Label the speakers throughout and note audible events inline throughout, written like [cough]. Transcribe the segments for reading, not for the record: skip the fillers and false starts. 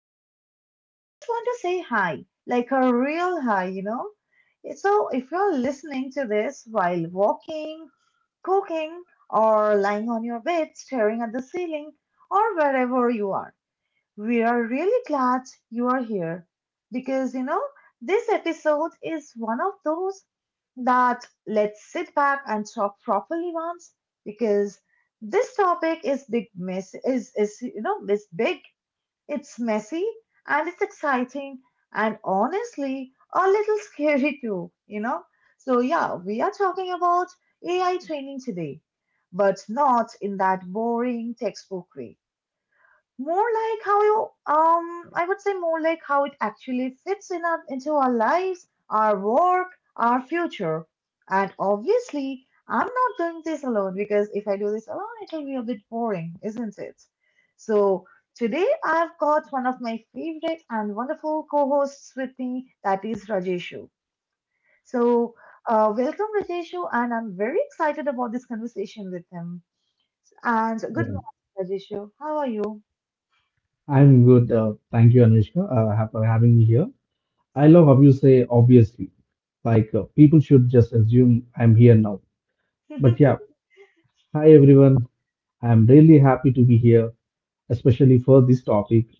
Speaker 1: in, I just want to say hi, like a real hi, you know. So, if you're listening to this while walking, cooking, or lying on your bed staring at the ceiling, or wherever you are, we are really glad you are here because, this episode is one of those that let's sit back and talk properly once because this topic is big mess is you know is big, it's messy, and it's exciting, and honestly a little scary too, you know? So, yeah, we are talking about AI training today, but not in that boring textbook way, more like how you I would say more like how it actually fits into our lives, our work, our future. And obviously I'm not doing this alone, because if I do this alone it will be a bit boring, isn't it? So today I've got one of my favorite and wonderful co-hosts with me, that is Rajeshu. So welcome, Rajeshu, and I'm very excited about this conversation with him. And good
Speaker 2: Yeah,
Speaker 1: morning, Rajeshu, how are you?
Speaker 2: I'm good. Thank you, Anushka, for having me here. I love how you say obviously. Like people should just assume I'm here now. But yeah, hi everyone. I'm really happy to be here, especially for this topic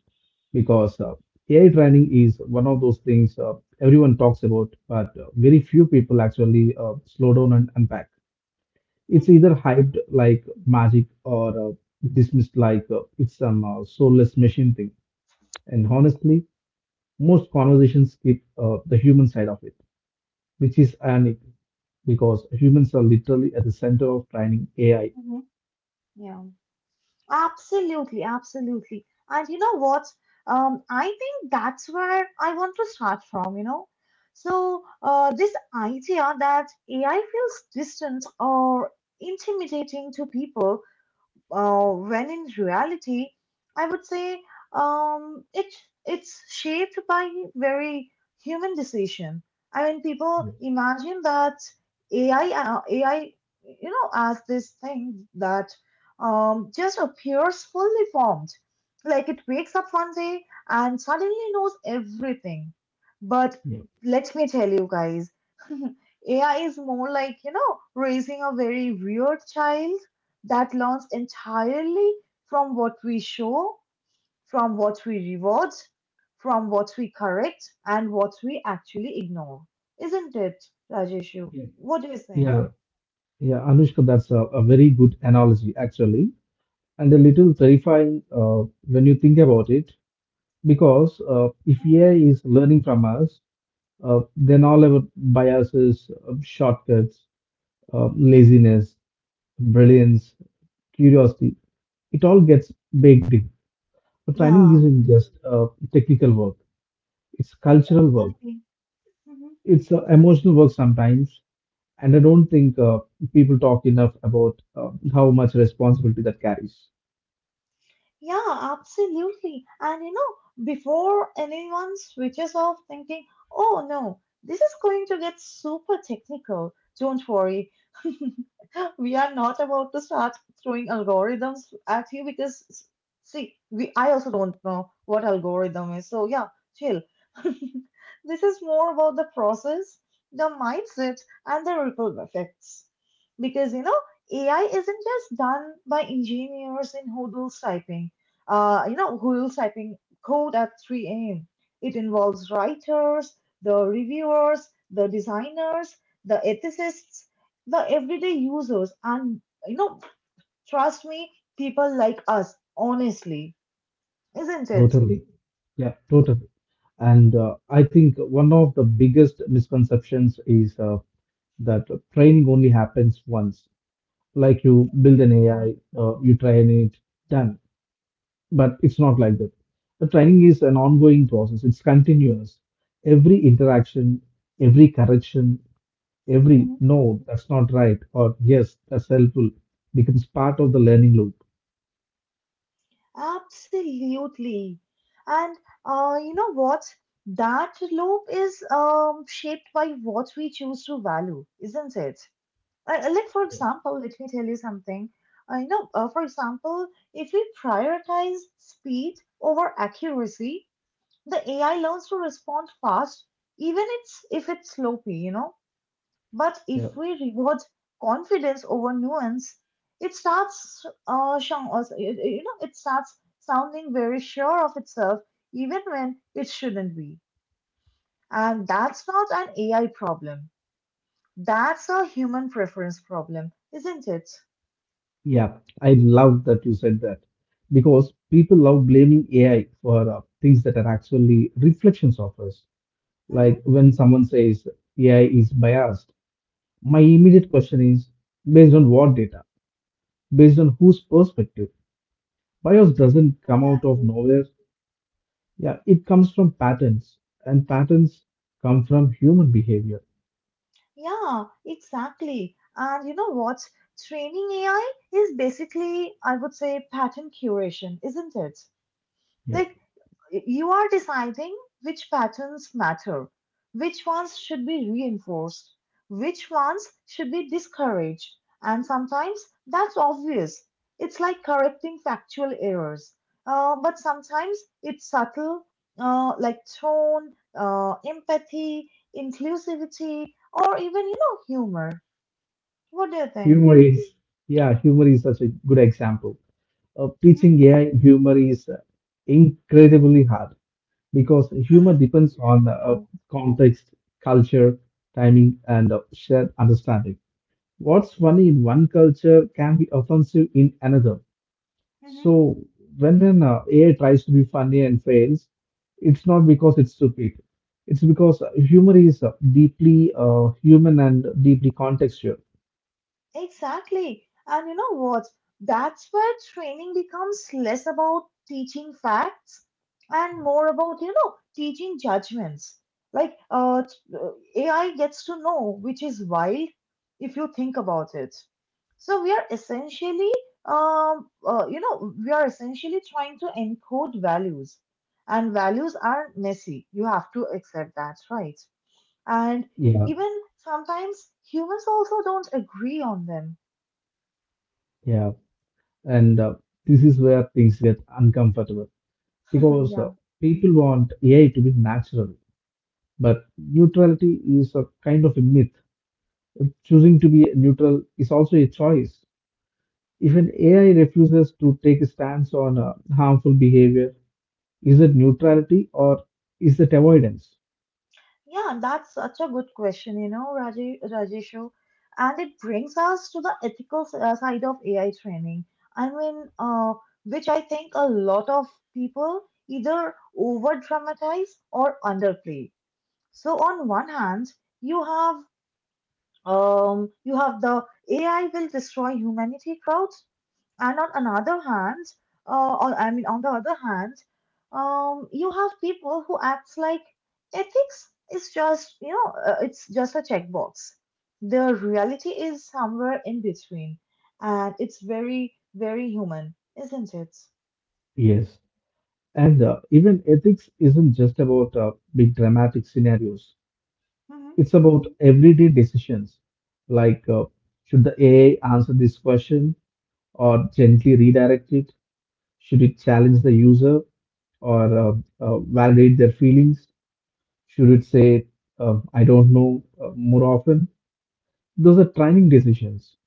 Speaker 2: because AI training is one of those things everyone talks about, but very few people actually slow down and unpack. It's either
Speaker 1: [laughs]
Speaker 2: hyped like magic or dismissed like it's some soulless machine thing. And honestly, most conversations skip the human side of it, which is ironic because humans are literally at the center of training AI.
Speaker 1: Mhm. Yeah, absolutely, absolutely. And you know what? I think that's where I want to start from, you know. So, this idea that AI feels distant or intimidating to people when in reality, I would say um, it it's shaped by very human decision. I mean, people imagine that AI as this thing that just appears fully formed, like it wakes up one day and suddenly knows everything. But
Speaker 2: Yeah.
Speaker 1: let me tell you guys, [laughs] AI is more like, you know, raising a very weird child that learns entirely from what we show, from what we reward, from what we correct, and what we actually ignore. Isn't it, Rajeshu?
Speaker 2: Yeah.
Speaker 1: What do you think?
Speaker 2: Yeah, yeah, Anushka, that's a very good analogy actually, and a little terrifying when you think about it, because if
Speaker 1: Mhm.
Speaker 2: AI is learning from us, then all our biases, shortcuts, laziness, brilliance, curiosity, it all gets baked in. But training
Speaker 1: Yeah,
Speaker 2: isn't just technical work, it's cultural work,
Speaker 1: exactly. Mhm.
Speaker 2: it's emotional work sometimes. And I don't think people talk enough about how much responsibility that carries.
Speaker 1: Yeah, absolutely. And you know, before anyone switches off thinking, oh no, this is going to get super technical, don't worry. [laughs] We are not about to start throwing algorithms at you, because see, we, I also don't know what algorithm is. So yeah, chill. [laughs] This is more about the process, the mindset, and the ripple effects. Because you know, AI isn't just done by engineers in Hoodle's typing. You know, Hoodle's typing code at 3 a.m. It involves writers, the reviewers, the designers, the ethicists, the everyday users, and you know, trust me, people like us honestly, isn't it?
Speaker 2: Totally. Yeah, totally. And I think one of the biggest misconceptions is that training only happens once. Like you build an
Speaker 1: Yeah.
Speaker 2: AI, you train it, done. But it's not like that. The training is an ongoing process, it's continuous. Every interaction, every correction, every
Speaker 1: Mhm.
Speaker 2: no, that's not right, or yes, that's helpful becomes part of the learning loop.
Speaker 1: Absolutely. And you know what, that loop is shaped by what we choose to value, isn't it? Like, for example, let me tell you something. I know, for example, if we prioritize speed over accuracy, the AI learns to respond fast, even it's if it's sloppy, you know. But
Speaker 2: Yeah,
Speaker 1: if we reward confidence over nuance, it starts, uh, you it starts sounding very sure of itself, even when it shouldn't be. And that's not an AI problem. That's a human preference problem, isn't it?
Speaker 2: yeah, I love that you said that because people love blaming AI for things that are actually reflections of us. Like
Speaker 1: Hmm.
Speaker 2: when someone says AI is biased, my immediate question is, based on what data? Based on whose perspective? Bias doesn't come out of
Speaker 1: Exactly.
Speaker 2: nowhere. Yeah, it comes from patterns, and patterns come from human behavior.
Speaker 1: Yeah, exactly. And you know what? Training AI is basically, I would say, pattern curation, isn't it?
Speaker 2: Yeah,
Speaker 1: Like, you are deciding which patterns matter, which ones should be reinforced, which ones should be discouraged, and sometimes that's obvious. It's like correcting factual errors. But sometimes it's subtle, like tone, empathy, inclusivity, or even, you know, humor. What do you think?
Speaker 2: humor is yeah, humor is such a good example.
Speaker 1: Hmm.
Speaker 2: Teaching AI humor is incredibly hard because humor depends on
Speaker 1: Yeah.
Speaker 2: context, culture, timing, and shared understanding. What's funny in one culture can be offensive in another. So when an AI tries to be funny and fails, it's not because it's stupid. It's because humor is deeply human and deeply contextual.
Speaker 1: Exactly. And you know what? That's where training becomes less about teaching facts and more about, you know, teaching judgments. Like uh, t- uh, AI gets to know, which is wild if you think about it. So we are essentially, you know, we are essentially trying to encode values, and values are messy. You have to accept that, right? And
Speaker 2: Yeah,
Speaker 1: even sometimes humans also don't agree on them.
Speaker 2: yeah. And this is where things get uncomfortable
Speaker 1: [laughs]
Speaker 2: because
Speaker 1: Yeah.
Speaker 2: people want AI to be natural, but neutrality is a kind of a myth. Choosing to be neutral is also a choice. If an AI refuses to take a stance on harmful behavior, is it neutrality or is it avoidance?
Speaker 1: Yeah, that's such a good question, you know, Rajeshu. And it brings us to the ethical side of AI training. I mean, uh, which I think a lot of people either over dramatize or underplay. So on one hand, you have you have the AI will destroy humanity crowd. And on another hand, or I mean, on the other hand, you have people who act like ethics is just, you know, it's just a checkbox. The reality is somewhere in between, and it's very, very human, isn't it?
Speaker 2: Yes. And even ethics isn't just about big dramatic scenarios.
Speaker 1: Hmm.
Speaker 2: It's about everyday decisions, like should the AI answer this question or gently redirect it? Should it challenge the user or validate their feelings? Should it say, I don't know, more often? Those are training decisions.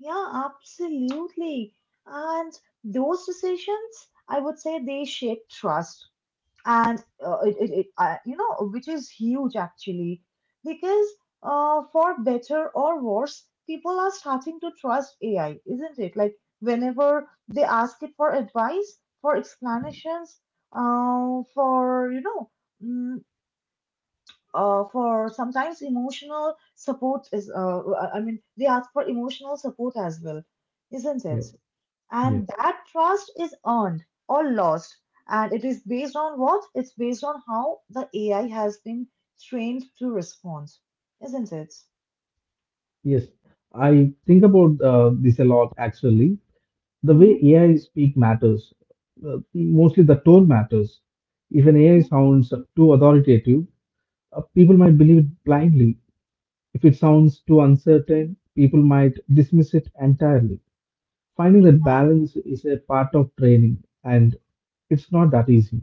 Speaker 1: Yeah, absolutely. And those decisions, I would say, they shape trust. And it, it, it you know, which is huge actually, because for better or worse, people are starting to trust AI, isn't it? Like whenever they ask it for advice, for explanations, for you know, mm, for sometimes emotional support is I mean, they ask for emotional support as well, isn't it?
Speaker 2: Yeah, yeah.
Speaker 1: And that trust is earned or lost. And it is based on what? It's based on how the AI has been trained to respond, isn't it?
Speaker 2: Yes, I think about this a lot actually. The
Speaker 1: Hmm.
Speaker 2: way AI speak matters. Mostly the tone matters. If an AI sounds too authoritative, people might believe it blindly. If it sounds too uncertain, people might dismiss it entirely. Finding that
Speaker 1: Exactly.
Speaker 2: balance is a part of training, and it's not that easy.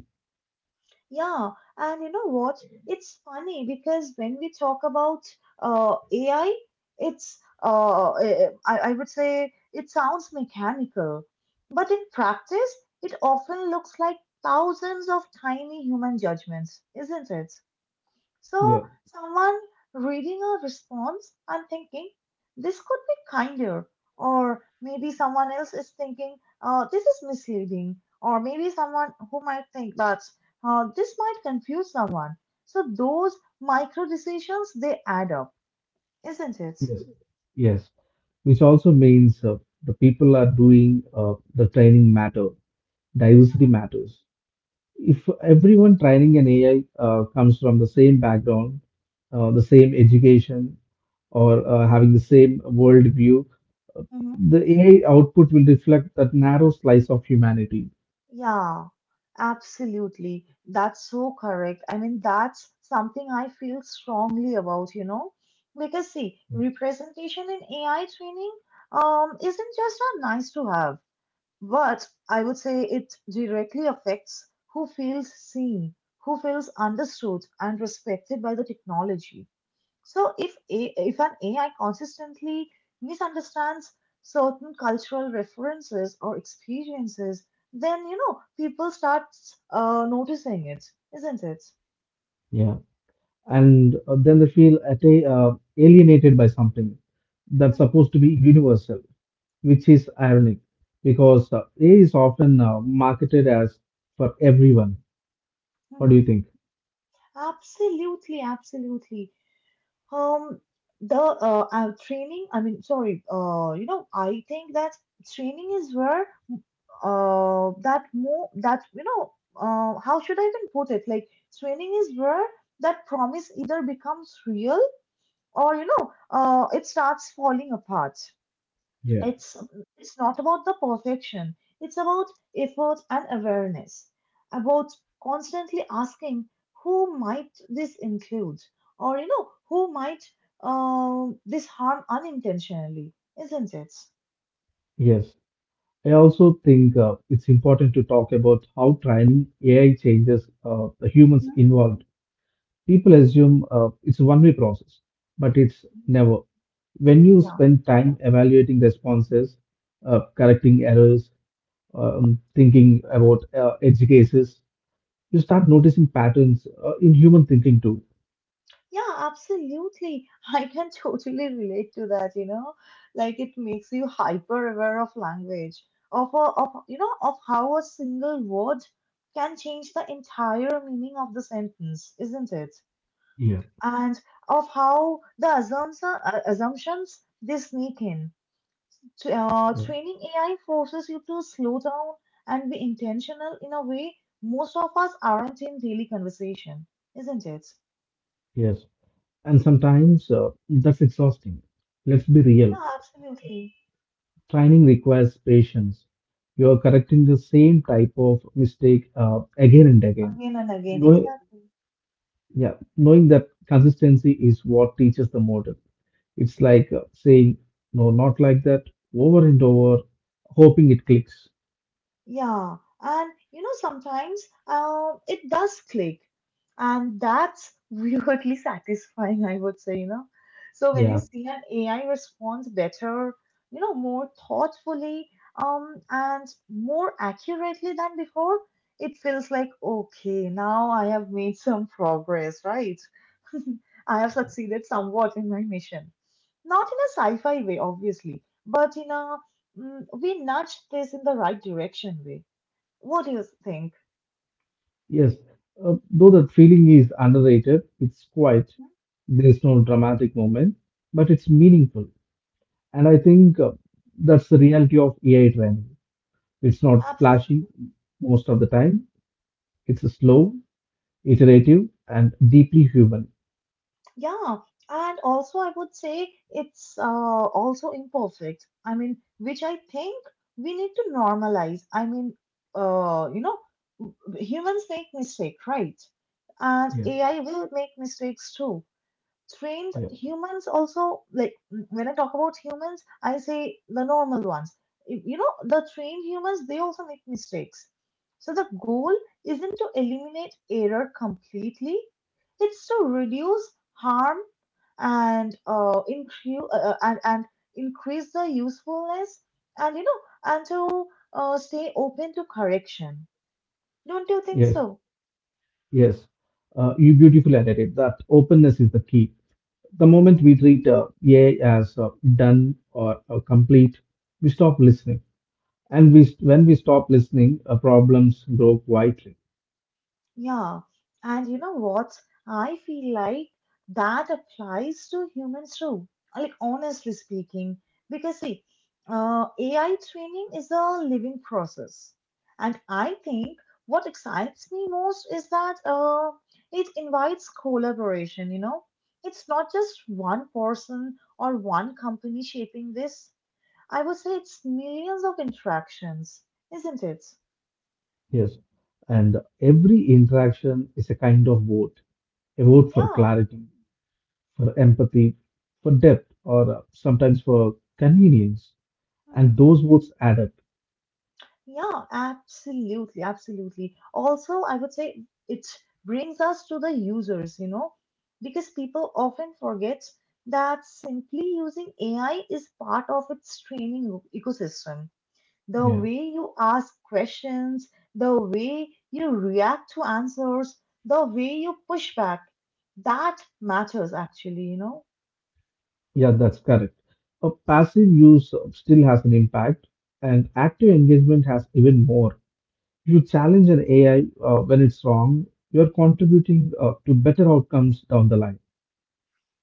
Speaker 1: Yeah, and you know what? It's funny because when we talk about AI, it's eh, eh, I would say it sounds mechanical, but in practice, it often looks like thousands of tiny human judgments, isn't it?
Speaker 2: Yeah,
Speaker 1: So, someone reading a response and thinking, this could be kinder, or maybe someone else is thinking, this is misleading, or maybe someone who might think that this might confuse someone. So, those micro decisions, they add up, isn't it?
Speaker 2: yes, yes. Which also means the people are doing the training matter. Diversity matters. If everyone training an AI comes from the same background, the same education, or having the same worldview, uh,
Speaker 1: Mhm.
Speaker 2: the AI output will reflect that narrow slice of humanity.
Speaker 1: Yeah, absolutely. That's so correct. I mean, that's something I feel strongly about, you know, because see, representation in AI training isn't just a nice to have, but I would say it directly affects who feels seen, who feels understood and respected by the technology. So if an AI consistently misunderstands certain cultural references or experiences, then you know, people start noticing it, isn't it?
Speaker 2: Yeah. And then they feel alienated by something that's
Speaker 1: Mhm,
Speaker 2: supposed to be universal, which is ironic because AI is often marketed as for everyone. What do
Speaker 1: mhm.
Speaker 2: you think?
Speaker 1: Absolutely, absolutely. Um, the training. I mean, sorry. You know, I think that training is where that more that you know how should I even put it? Like training is where that promise either becomes real, or you know, it starts falling apart.
Speaker 2: Yeah.
Speaker 1: it's it's not about the perfection, it's about effort and awareness, about constantly asking, who might this include, or you know, who might this harm unintentionally, isn't it?
Speaker 2: Yes. I also think it's important to talk about how training AI changes the humans involved. People assume it's a one-way process, but it's
Speaker 1: Mhm.
Speaker 2: never. When you spend time evaluating responses, correcting errors, thinking about edge cases, you start noticing patterns in human thinking too.
Speaker 1: Yeah, absolutely. [laughs] I can totally relate to that, you know. Like, it makes you hyper aware of language, of you know, of how a single word can change the entire meaning of the sentence, isn't it?
Speaker 2: Yeah.
Speaker 1: And of how assumptions they sneak in.
Speaker 2: Yeah,
Speaker 1: Training AI forces you to slow down and be intentional in a way most of us aren't in daily conversation, isn't it?
Speaker 2: yes, and sometimes that's exhausting. Let's be real.
Speaker 1: Yeah, absolutely.
Speaker 2: Training requires patience. You are correcting the same type of mistake again and again.
Speaker 1: Again and again,
Speaker 2: Knowing,
Speaker 1: exactly.
Speaker 2: yeah, knowing that consistency is what teaches the model. It's like saying, no, not like that, over and over, hoping it clicks.
Speaker 1: Yeah, and you know, sometimes it does click, and that's weirdly [laughs] satisfying, I would say, you know. So when you
Speaker 2: Yeah,
Speaker 1: see an AI responds better, you know, more thoughtfully, and more accurately than before, it feels like, okay, now I have made some progress, right? [laughs] I have succeeded somewhat in my mission, not in a sci-fi way obviously, but in a, mm, we nudged this in the right direction way. What do you think?
Speaker 2: yes. Though that feeling is underrated, it's quiet. There's no dramatic moment, but it's meaningful. And I think that's the reality of AI training. It's not
Speaker 1: Abs-
Speaker 2: flashy most of the time. It's slow, iterative, and deeply human.
Speaker 1: yeah, and also I would say it's also imperfect. I mean, which I think we need to normalize. I mean, you know, w- humans make mistakes, right? And
Speaker 2: Yeah.
Speaker 1: AI will make mistakes too. Trained
Speaker 2: Yeah.
Speaker 1: humans also, like when I talk about humans, I say the normal ones. You know, the trained humans, they also make mistakes. So the goal isn't to eliminate error completely, it's to reduce harm and increase and increase the usefulness, and you know, and to stay open to correction. Don't you think
Speaker 2: Yes,
Speaker 1: so?
Speaker 2: yes. You beautifully added that openness is the key. The moment we treat AI as done or complete, we stop listening. And when we stop listening, problems grow quietly.
Speaker 1: Yeah, and you know what? I feel like that applies to humans too. Like, honestly speaking, because see, AI training is a living process, and I think what excites me most is that it invites collaboration. You know, it's not just one person or one company shaping this. I would say it's millions of interactions, isn't it?
Speaker 2: Yes. And every interaction is a kind of vote, a vote for
Speaker 1: Yeah.
Speaker 2: clarity, for empathy, for depth, or sometimes for convenience. And
Speaker 1: Mm-hmm.
Speaker 2: those votes add up.
Speaker 1: Yeah, absolutely, absolutely. Also, I would say it brings us to the users, you know, because people often forget that simply using AI is part of its ecosystem. The way you ask questions, the way you react to answers, the way you push back, that matters actually, you know.
Speaker 2: Yeah, that's correct. A passive use still has an impact, and active engagement has even more. You challenge an AI when it's wrong, you're contributing to better outcomes down the line.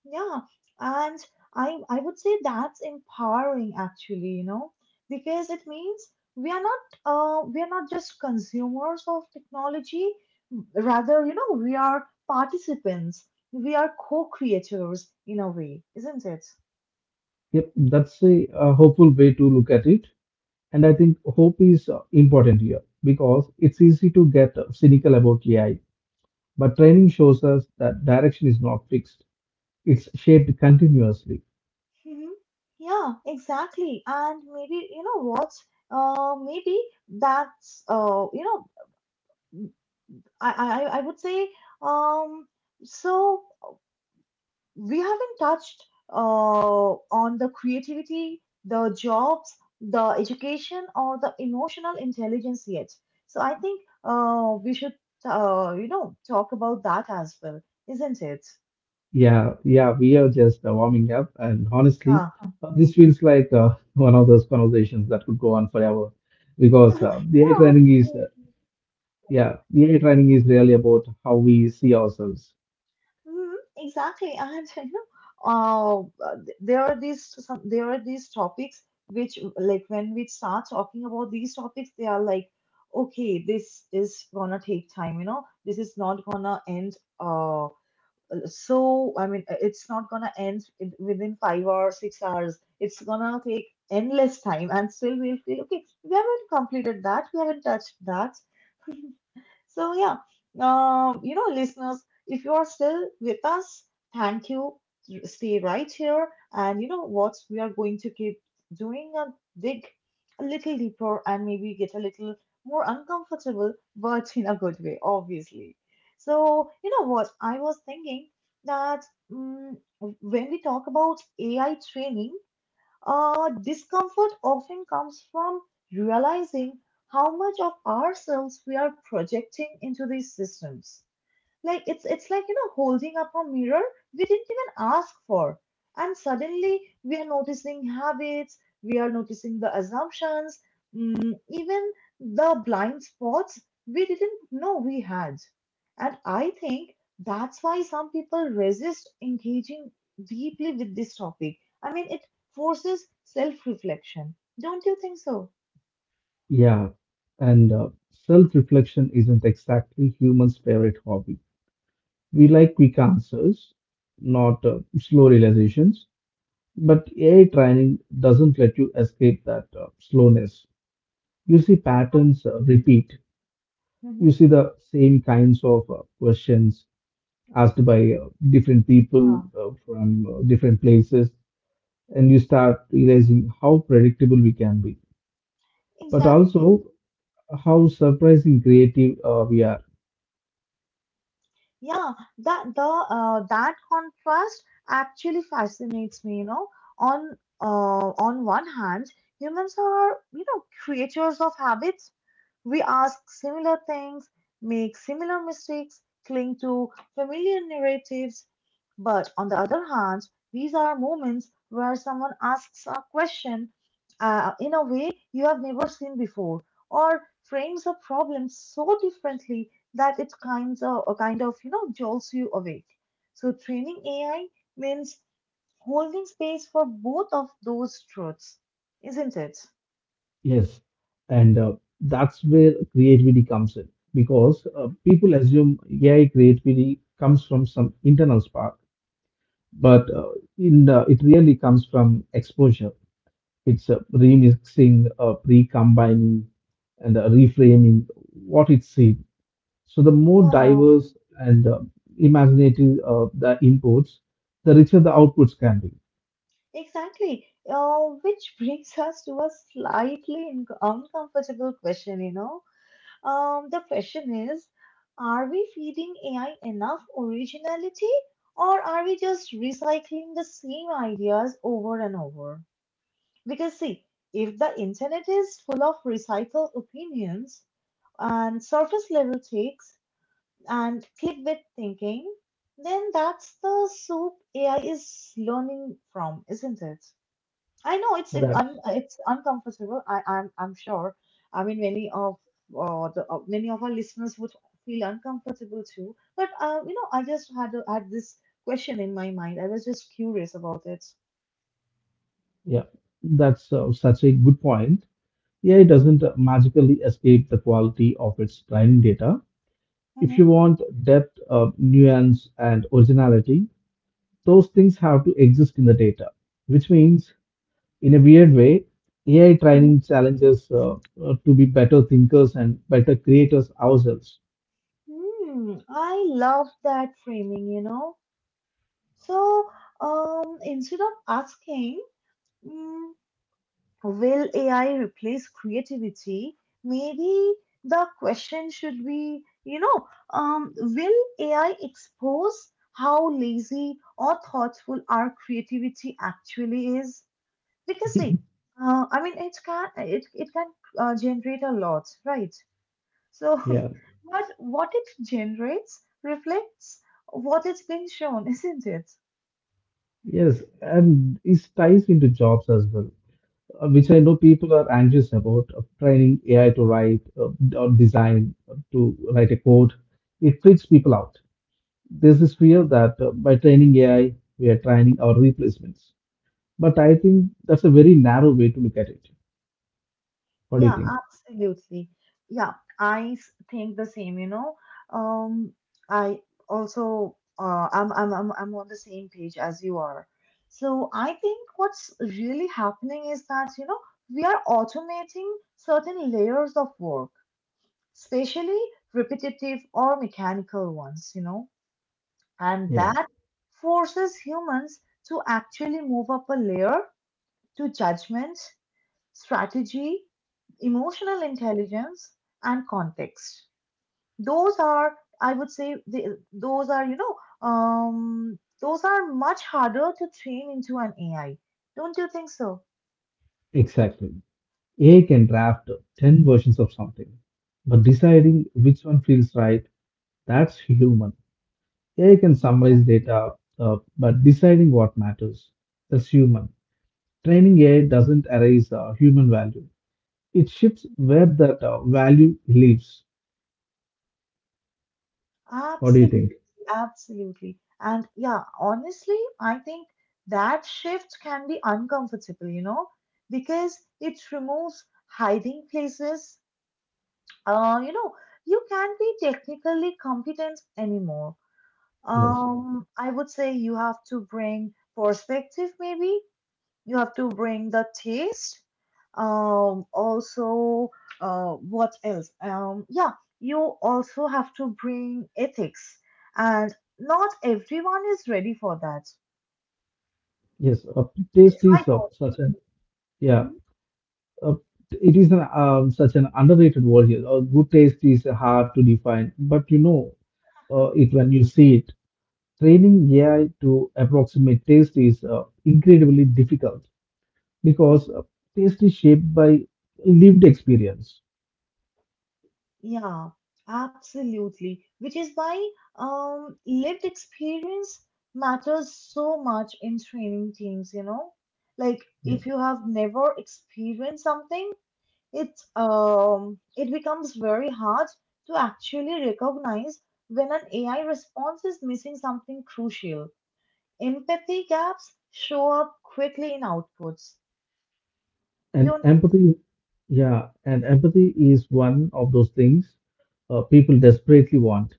Speaker 1: Yeah, and I would say that's empowering actually, you know, because it means we are not just consumers of technology, rather, you know, we are participants. We are co-creators in a way, isn't it?
Speaker 2: Yep, that's a hopeful way to look at it. And I think hope is important here because it's easy to get cynical about AI, but training shows us that direction is not fixed, it's shaped continuously.
Speaker 1: Hmm. Yeah, exactly. And maybe, you know what? Maybe that's you know, I would say, um so, We haven't touched on the creativity, the jobs, the education, or the emotional intelligence yet. So I think we should, talk about that as well, isn't it?
Speaker 2: Yeah, yeah, we are just warming up, and honestly,
Speaker 1: Yeah.
Speaker 2: this feels like one of those conversations that could go on forever, because
Speaker 1: [laughs]
Speaker 2: uh, the AI training is, uh,
Speaker 1: yeah.
Speaker 2: yeah, the AI training is really about how we see ourselves.
Speaker 1: Mhm. Exactly, and [laughs] you know, there are these some there are these topics which, like, when we start talking about these topics, they are like, okay, this is gonna take time, you know, this is not gonna end. So I mean, it's not gonna end within 5 or 6 hours. It's gonna take endless time, and still we'll feel okay. We haven't completed that. We haven't touched that. So yeah, listeners, if you are still with us, thank you. Stay right here, and you know what? We are going to keep doing a dig a little deeper and maybe get a little more uncomfortable, but in a good way, obviously. So you know what? I was thinking that mm when we talk about AI training, discomfort often comes from realizing how much of ourselves we are projecting into these systems. Like it's like, you know, holding up a mirror we didn't even ask for. And suddenly we are noticing habits, we are noticing the assumptions, even the blind spots we didn't know we had. And I think that's why some people resist engaging deeply with this topic. I mean, it forces self reflection. Don't you think so?
Speaker 2: Yeah, and self-reflection isn't exactly humans' favorite hobby. We like quick answers, not slow realizations. But AI training doesn't let you escape that slowness. You see patterns repeat. You
Speaker 1: Hmm.
Speaker 2: see the same kinds of questions asked by different people
Speaker 1: Yeah,
Speaker 2: from different places, and you start realizing how predictable we can be, but
Speaker 1: exactly.
Speaker 2: also how surprising creative we are.
Speaker 1: Yeah, that contrast actually fascinates me, you know. On one hand, humans are, you know, creatures of habits. We ask similar things, make similar mistakes, cling to familiar narratives. But on the other hand, these are moments where someone asks a question in a way you have never seen before, or frames a problem so differently that it kind of you know jolts you awake. So training AI means holding space for both of those truths, isn't it?
Speaker 2: Yes, and that's where creativity comes in because people assume AI creativity comes from some internal spark, but in it really comes from exposure. It's remixing, recombining, and reframing what it seen. So the more
Speaker 1: Yeah.
Speaker 2: diverse and imaginative the inputs, the richer the outputs can be.
Speaker 1: Exactly. Which brings us to a slightly inc uncomfortable question, you know. The question is, are we feeding AI enough originality, or are we just recycling the same ideas over and over? Because see, if the internet is full of recycled opinions and surface level takes and clickbait thinking, then that's the soup AI is learning from, isn't it? I know
Speaker 2: That's
Speaker 1: it's uncomfortable. I'm sure. I mean, many of our listeners would feel uncomfortable too. But you know, I just had this question in my mind. I was just curious about it.
Speaker 2: yeah, that's such a good point. AI doesn't magically escape the quality of its training data. If you
Speaker 1: Hmm.
Speaker 2: want depth, nuance, and originality, those things have to exist in the data, which means in a weird way, AI
Speaker 1: Hmm.
Speaker 2: training challenges to be better thinkers and better creators ourselves.
Speaker 1: Hmm, I love that framing, you know. So, instead of asking, mm, will AI replace creativity? Maybe the question should be, you know, will AI expose how lazy or thoughtful our creativity actually is? Because see,
Speaker 2: [laughs]
Speaker 1: I mean, it can generate a lot, right? So,
Speaker 2: Yeah,
Speaker 1: [laughs] but what it generates reflects what it's been shown, [laughs] isn't it?
Speaker 2: yes, and this ties into jobs as well, which I know people are anxious about training AI to write or design, to write a code. It freaks people out. There's this fear that by training AI, we are training our replacements. But I think that's a very narrow way to look at it. What do you
Speaker 1: Yeah,
Speaker 2: think?
Speaker 1: absolutely. Yeah, think the same, you know. Um, I also I'm on the same page as you are. So I think what's really happening is that, you know, we are automating certain layers of work, especially repetitive or mechanical ones, you know, and
Speaker 2: Yeah.
Speaker 1: that forces humans to actually move up a layer to judgment, strategy, emotional intelligence, and context. Those are, I would say, the, those are, you know, those are much harder to train into an AI. Don't you think so?
Speaker 2: Exactly. AI can draft 10 versions of something, but deciding which one feels right, that's human. AI can summarize data, but deciding what matters, that's human. Training AI doesn't erase human value, it shifts where that value lives. What do you
Speaker 1: Absolutely,
Speaker 2: think?
Speaker 1: absolutely. And yeah, honestly, I think that shift can be uncomfortable, you know, because it removes hiding places. You know, you can't be technically competent anymore.
Speaker 2: Yes,
Speaker 1: I would say you have to bring perspective, maybe. You have to bring the taste. Also, what else? Yeah, you also have to bring ethics, and not everyone is ready for that.
Speaker 2: yes. Taste
Speaker 1: It's my
Speaker 2: is such an Yeah. Uh, it is such an underrated word here. Good taste is hard to define, but you know it when you see it. Training AI to approximate taste is incredibly difficult because
Speaker 1: fault.
Speaker 2: taste is shaped by lived experience.
Speaker 1: Yeah, absolutely. Which is why lived experience matters so much in training teams, you know? Like
Speaker 2: Yeah.
Speaker 1: if you have never experienced something, it it becomes very hard to actually recognize when an AI response is missing something crucial. Empathy gaps show up quickly in outputs.
Speaker 2: and
Speaker 1: Don't.
Speaker 2: empathy. Yeah, and empathy is one of those things people desperately want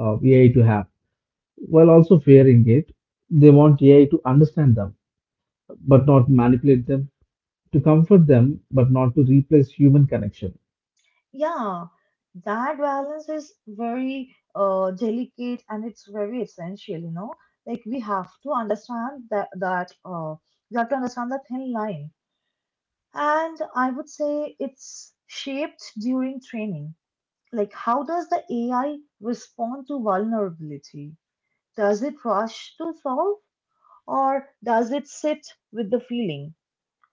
Speaker 2: AI to have, while also fearing it. They want AI to understand them, but not manipulate them, to comfort them, but not to replace human connection.
Speaker 1: Yeah, that balance is very delicate and it's very essential, you know. Like we have to understand that we have to understand the thin line. And I would say it's shaped during training. Like how does the AI respond to vulnerability? Does it rush to solve, or does it sit with the feeling?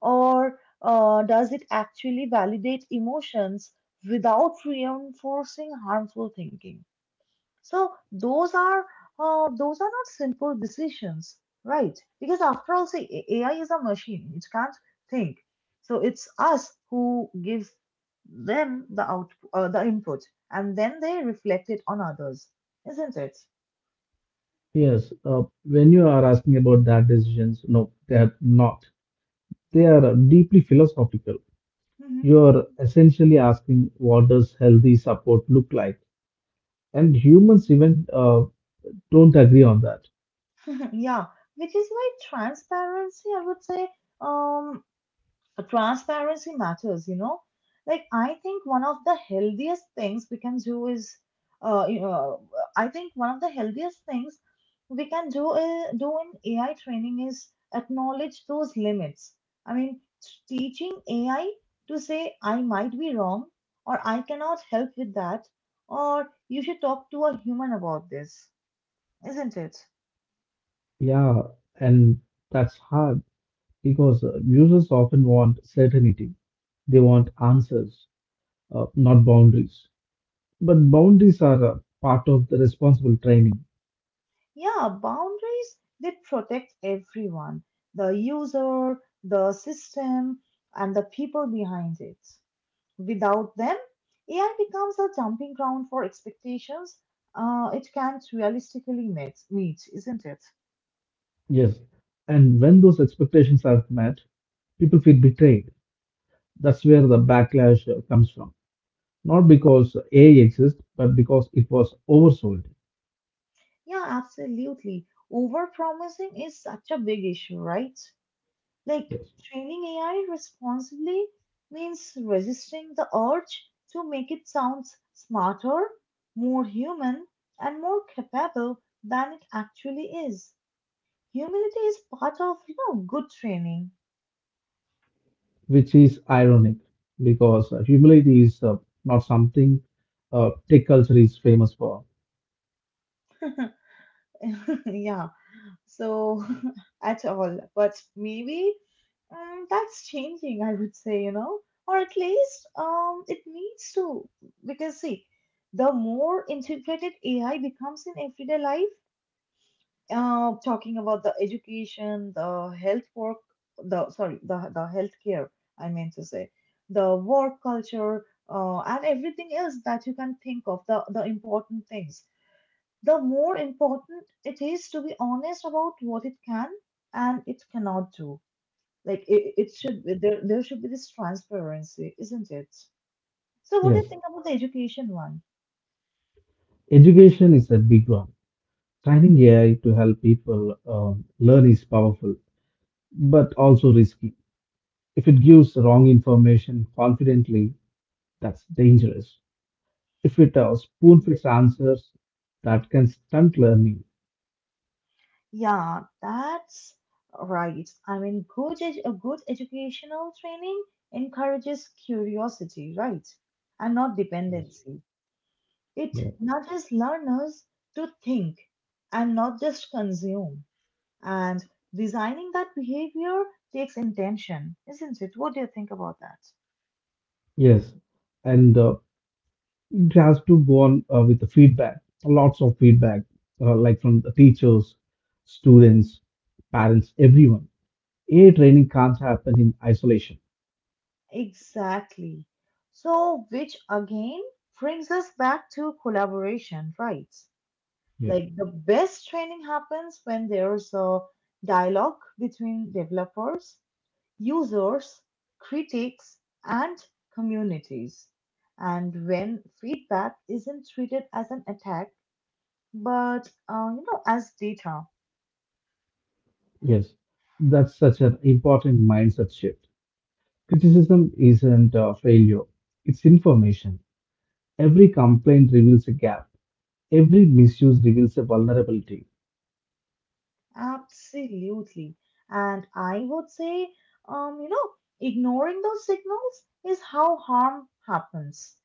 Speaker 1: Or does it actually validate emotions without reinforcing harmful thinking? So those are not simple decisions, right? Because after all, say AI is a machine; it can't think. So it's us who gives them the input, and then they reflect it on others, isn't it?
Speaker 2: Yes, when you are asking about that decisions, no, they are not. They are deeply philosophical.
Speaker 1: Mhm.
Speaker 2: You are essentially asking, what does healthy support look like? And humans even don't agree on that.
Speaker 1: [laughs] Yeah, which is why transparency, I would say, um, transparency matters, you know. Like I think one of the healthiest things we can do is you know, I think one of the healthiest things we can do in AI training is acknowledge those limits. I mean, teaching AI to say, I might be wrong, or I cannot help with that, or you should talk to a human about this, isn't it?
Speaker 2: Yeah, and that's hard because users often want certainty. They want answers, not boundaries. But boundaries are part of the responsible training.
Speaker 1: Yeah, boundaries, they protect everyone, the user, the system, and the people behind it. Without them, AI becomes a jumping ground for expectations it can't realistically meet, isn't it?
Speaker 2: Yes. And when those expectations are met, people feel betrayed. That's where the backlash comes from, not because AI exists, but because it was oversold.
Speaker 1: Yeah, absolutely. Overpromising is such a big issue, right? Like
Speaker 2: Yes,
Speaker 1: training AI responsibly means resisting the urge to make it sound smarter, more human, and more capable than it actually is. Humility is part of, you know, good training.
Speaker 2: which is ironic because humility is not something tech culture is famous for.
Speaker 1: [laughs] Yeah, so [laughs] at all. But maybe that's changing, I would say, you know, or at least it needs to. Because, see, the more integrated AI becomes in everyday life, talking about the education, the health work, the sorry, the healthcare. I meant to say the work culture and everything else that you can think of. The important things. The more important it is to be honest about what it can and it cannot do. Like it should be, there should be this transparency, isn't it? So what do you
Speaker 2: Yes,
Speaker 1: think about the education one?
Speaker 2: education is a big one. Training AI to help people learn is powerful, but also risky. If it gives wrong information confidently, that's dangerous. If it spoon feeds answers, that can stunt learning.
Speaker 1: Yeah, that's right. I mean, a good educational training encourages curiosity, right? And not
Speaker 2: Yes.
Speaker 1: dependency. It
Speaker 2: Yeah.
Speaker 1: nudges learners to think and not just consume. And designing that behavior takes intention, isn't it? What do you think about that?
Speaker 2: Yes. And it has to go on with the feedback, lots of feedback, like from the teachers, students, parents, everyone. A training can't happen in isolation.
Speaker 1: Exactly. So, which again brings us back to collaboration, right?
Speaker 2: Yeah.
Speaker 1: Like the best training happens when there's a dialogue between developers, users, critics, and communities. And when feedback isn't treated as an attack, but you know, as data.
Speaker 2: Yes. That's such an important mindset shift. Criticism isn't a failure, it's information. Every complaint reveals a gap, every misuse reveals a vulnerability.
Speaker 1: Absolutely. And I would say, you know, ignoring those signals is how harm happens.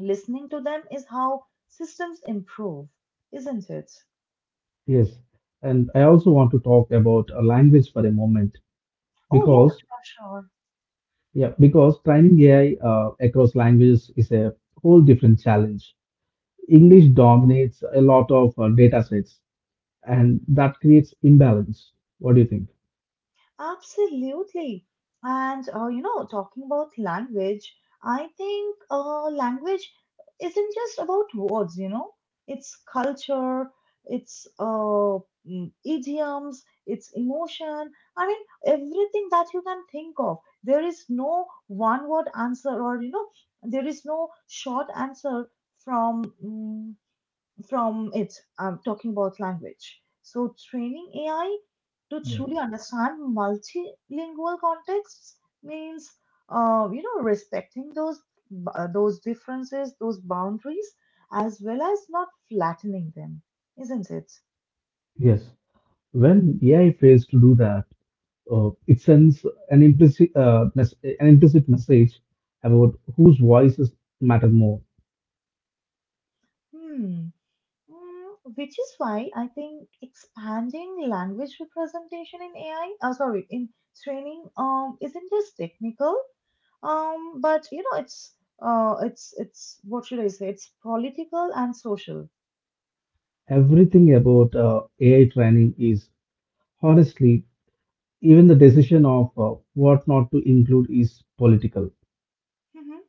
Speaker 1: Listening to them is how systems improve, isn't it?
Speaker 2: Yes. And I also want to talk about a language for a moment
Speaker 1: Oh, yeah,
Speaker 2: because
Speaker 1: sure, sure.
Speaker 2: yeah, because training AI across languages is a whole different challenge.
Speaker 1: Mhm.
Speaker 2: English dominates a lot of data sets, and that creates imbalance. What do you think?
Speaker 1: Absolutely. And you know, talking about language, I think language isn't just about words, you know, it's culture, it's idioms, it's emotion. I mean, everything that you can think of. There is no one word answer, or you know, there is no short answer from mm, from it. I'm talking about language. So, training AI to
Speaker 2: Yeah.
Speaker 1: truly understand multilingual contexts means, you know, respecting those differences, those boundaries, as well as not flattening them, isn't it?
Speaker 2: Yes, when AI fails to do that, it sends an implicit an implicit message about whose voices matter more.
Speaker 1: Hmm. Mm, which is why I think expanding language representation in AI, sorry, in training, isn't just technical. But you know, it's what should I say? It's political and social.
Speaker 2: Everything about AI training is honestly, even the decision of what not to include is political.
Speaker 1: Hmm.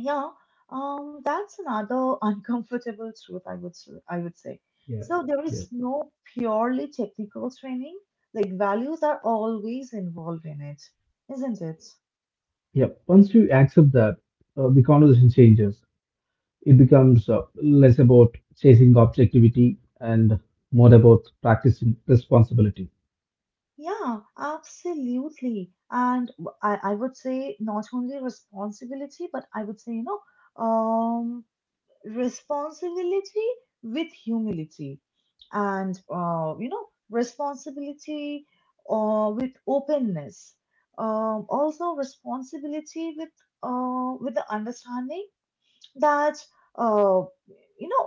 Speaker 1: Yeah, that's another [laughs] uncomfortable truth I would I would say.
Speaker 2: Yeah.
Speaker 1: So there is no purely technical training. Like values are always involved in it, isn't it?
Speaker 2: Yeah, once you accept that, the conversation changes. It becomes less about chasing objectivity and more about practicing responsibility.
Speaker 1: Yeah, absolutely. And I would say not only responsibility, but I would say, you know, um. responsibility with humility, and you know, responsibility with openness, also responsibility with the understanding that uh, you know,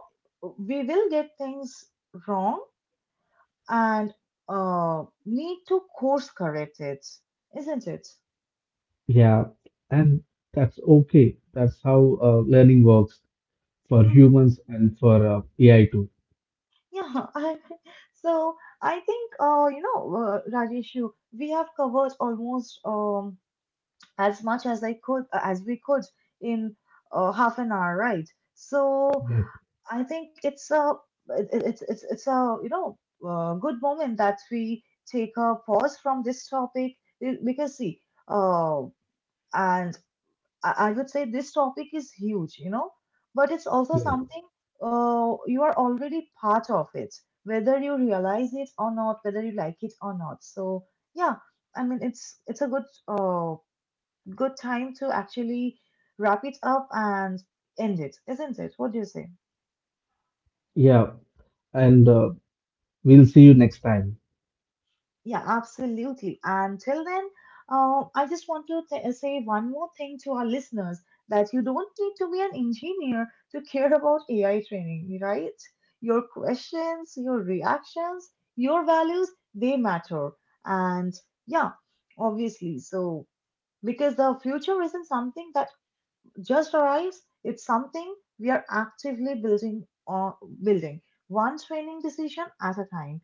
Speaker 1: we will get things wrong, and need to course correct it, isn't it?
Speaker 2: Yeah, and that's okay. That's how learning works for
Speaker 1: Hmm.
Speaker 2: humans and for AI too.
Speaker 1: yeah, I So I think, you know, Rajeshu, we have covered almost as much as I could, as we could in half an hour, right? So
Speaker 2: Yeah.
Speaker 1: I think it's a, it- it's a, you know, good moment that we take a pause from this topic because see, uh, and I would say this topic is huge, you know, but it's also something you are already part of it, whether you realize it or not, whether you like it or not. So yeah, I mean it's a good good time to actually wrap it up and end it, isn't it? What do you say?
Speaker 2: Yeah, yeah, and we'll see you next time.
Speaker 1: Yeah, absolutely. And till then, I just want to say one more thing to our listeners, that you don't need to be an engineer to care about AI training, right? Your questions, your reactions, your values, they matter. And yeah, obviously. So, because the future isn't something that just arrives, it's something we are actively building one training decision at a time.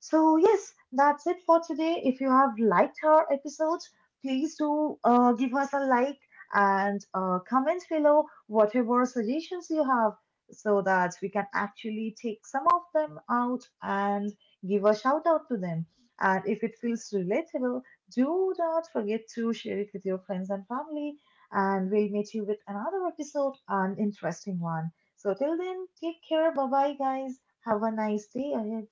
Speaker 1: So, yes, that's it for today. If you have liked our episode, please do give us a like, and comment below whatever suggestions you have so that we can actually take some of them out and give a shout out to them. And if it feels relatable, do not forget to share it with your friends and family. And we'll meet you with another episode, an interesting one. So, till then, take care. Bye bye, guys. Have a nice day ahead.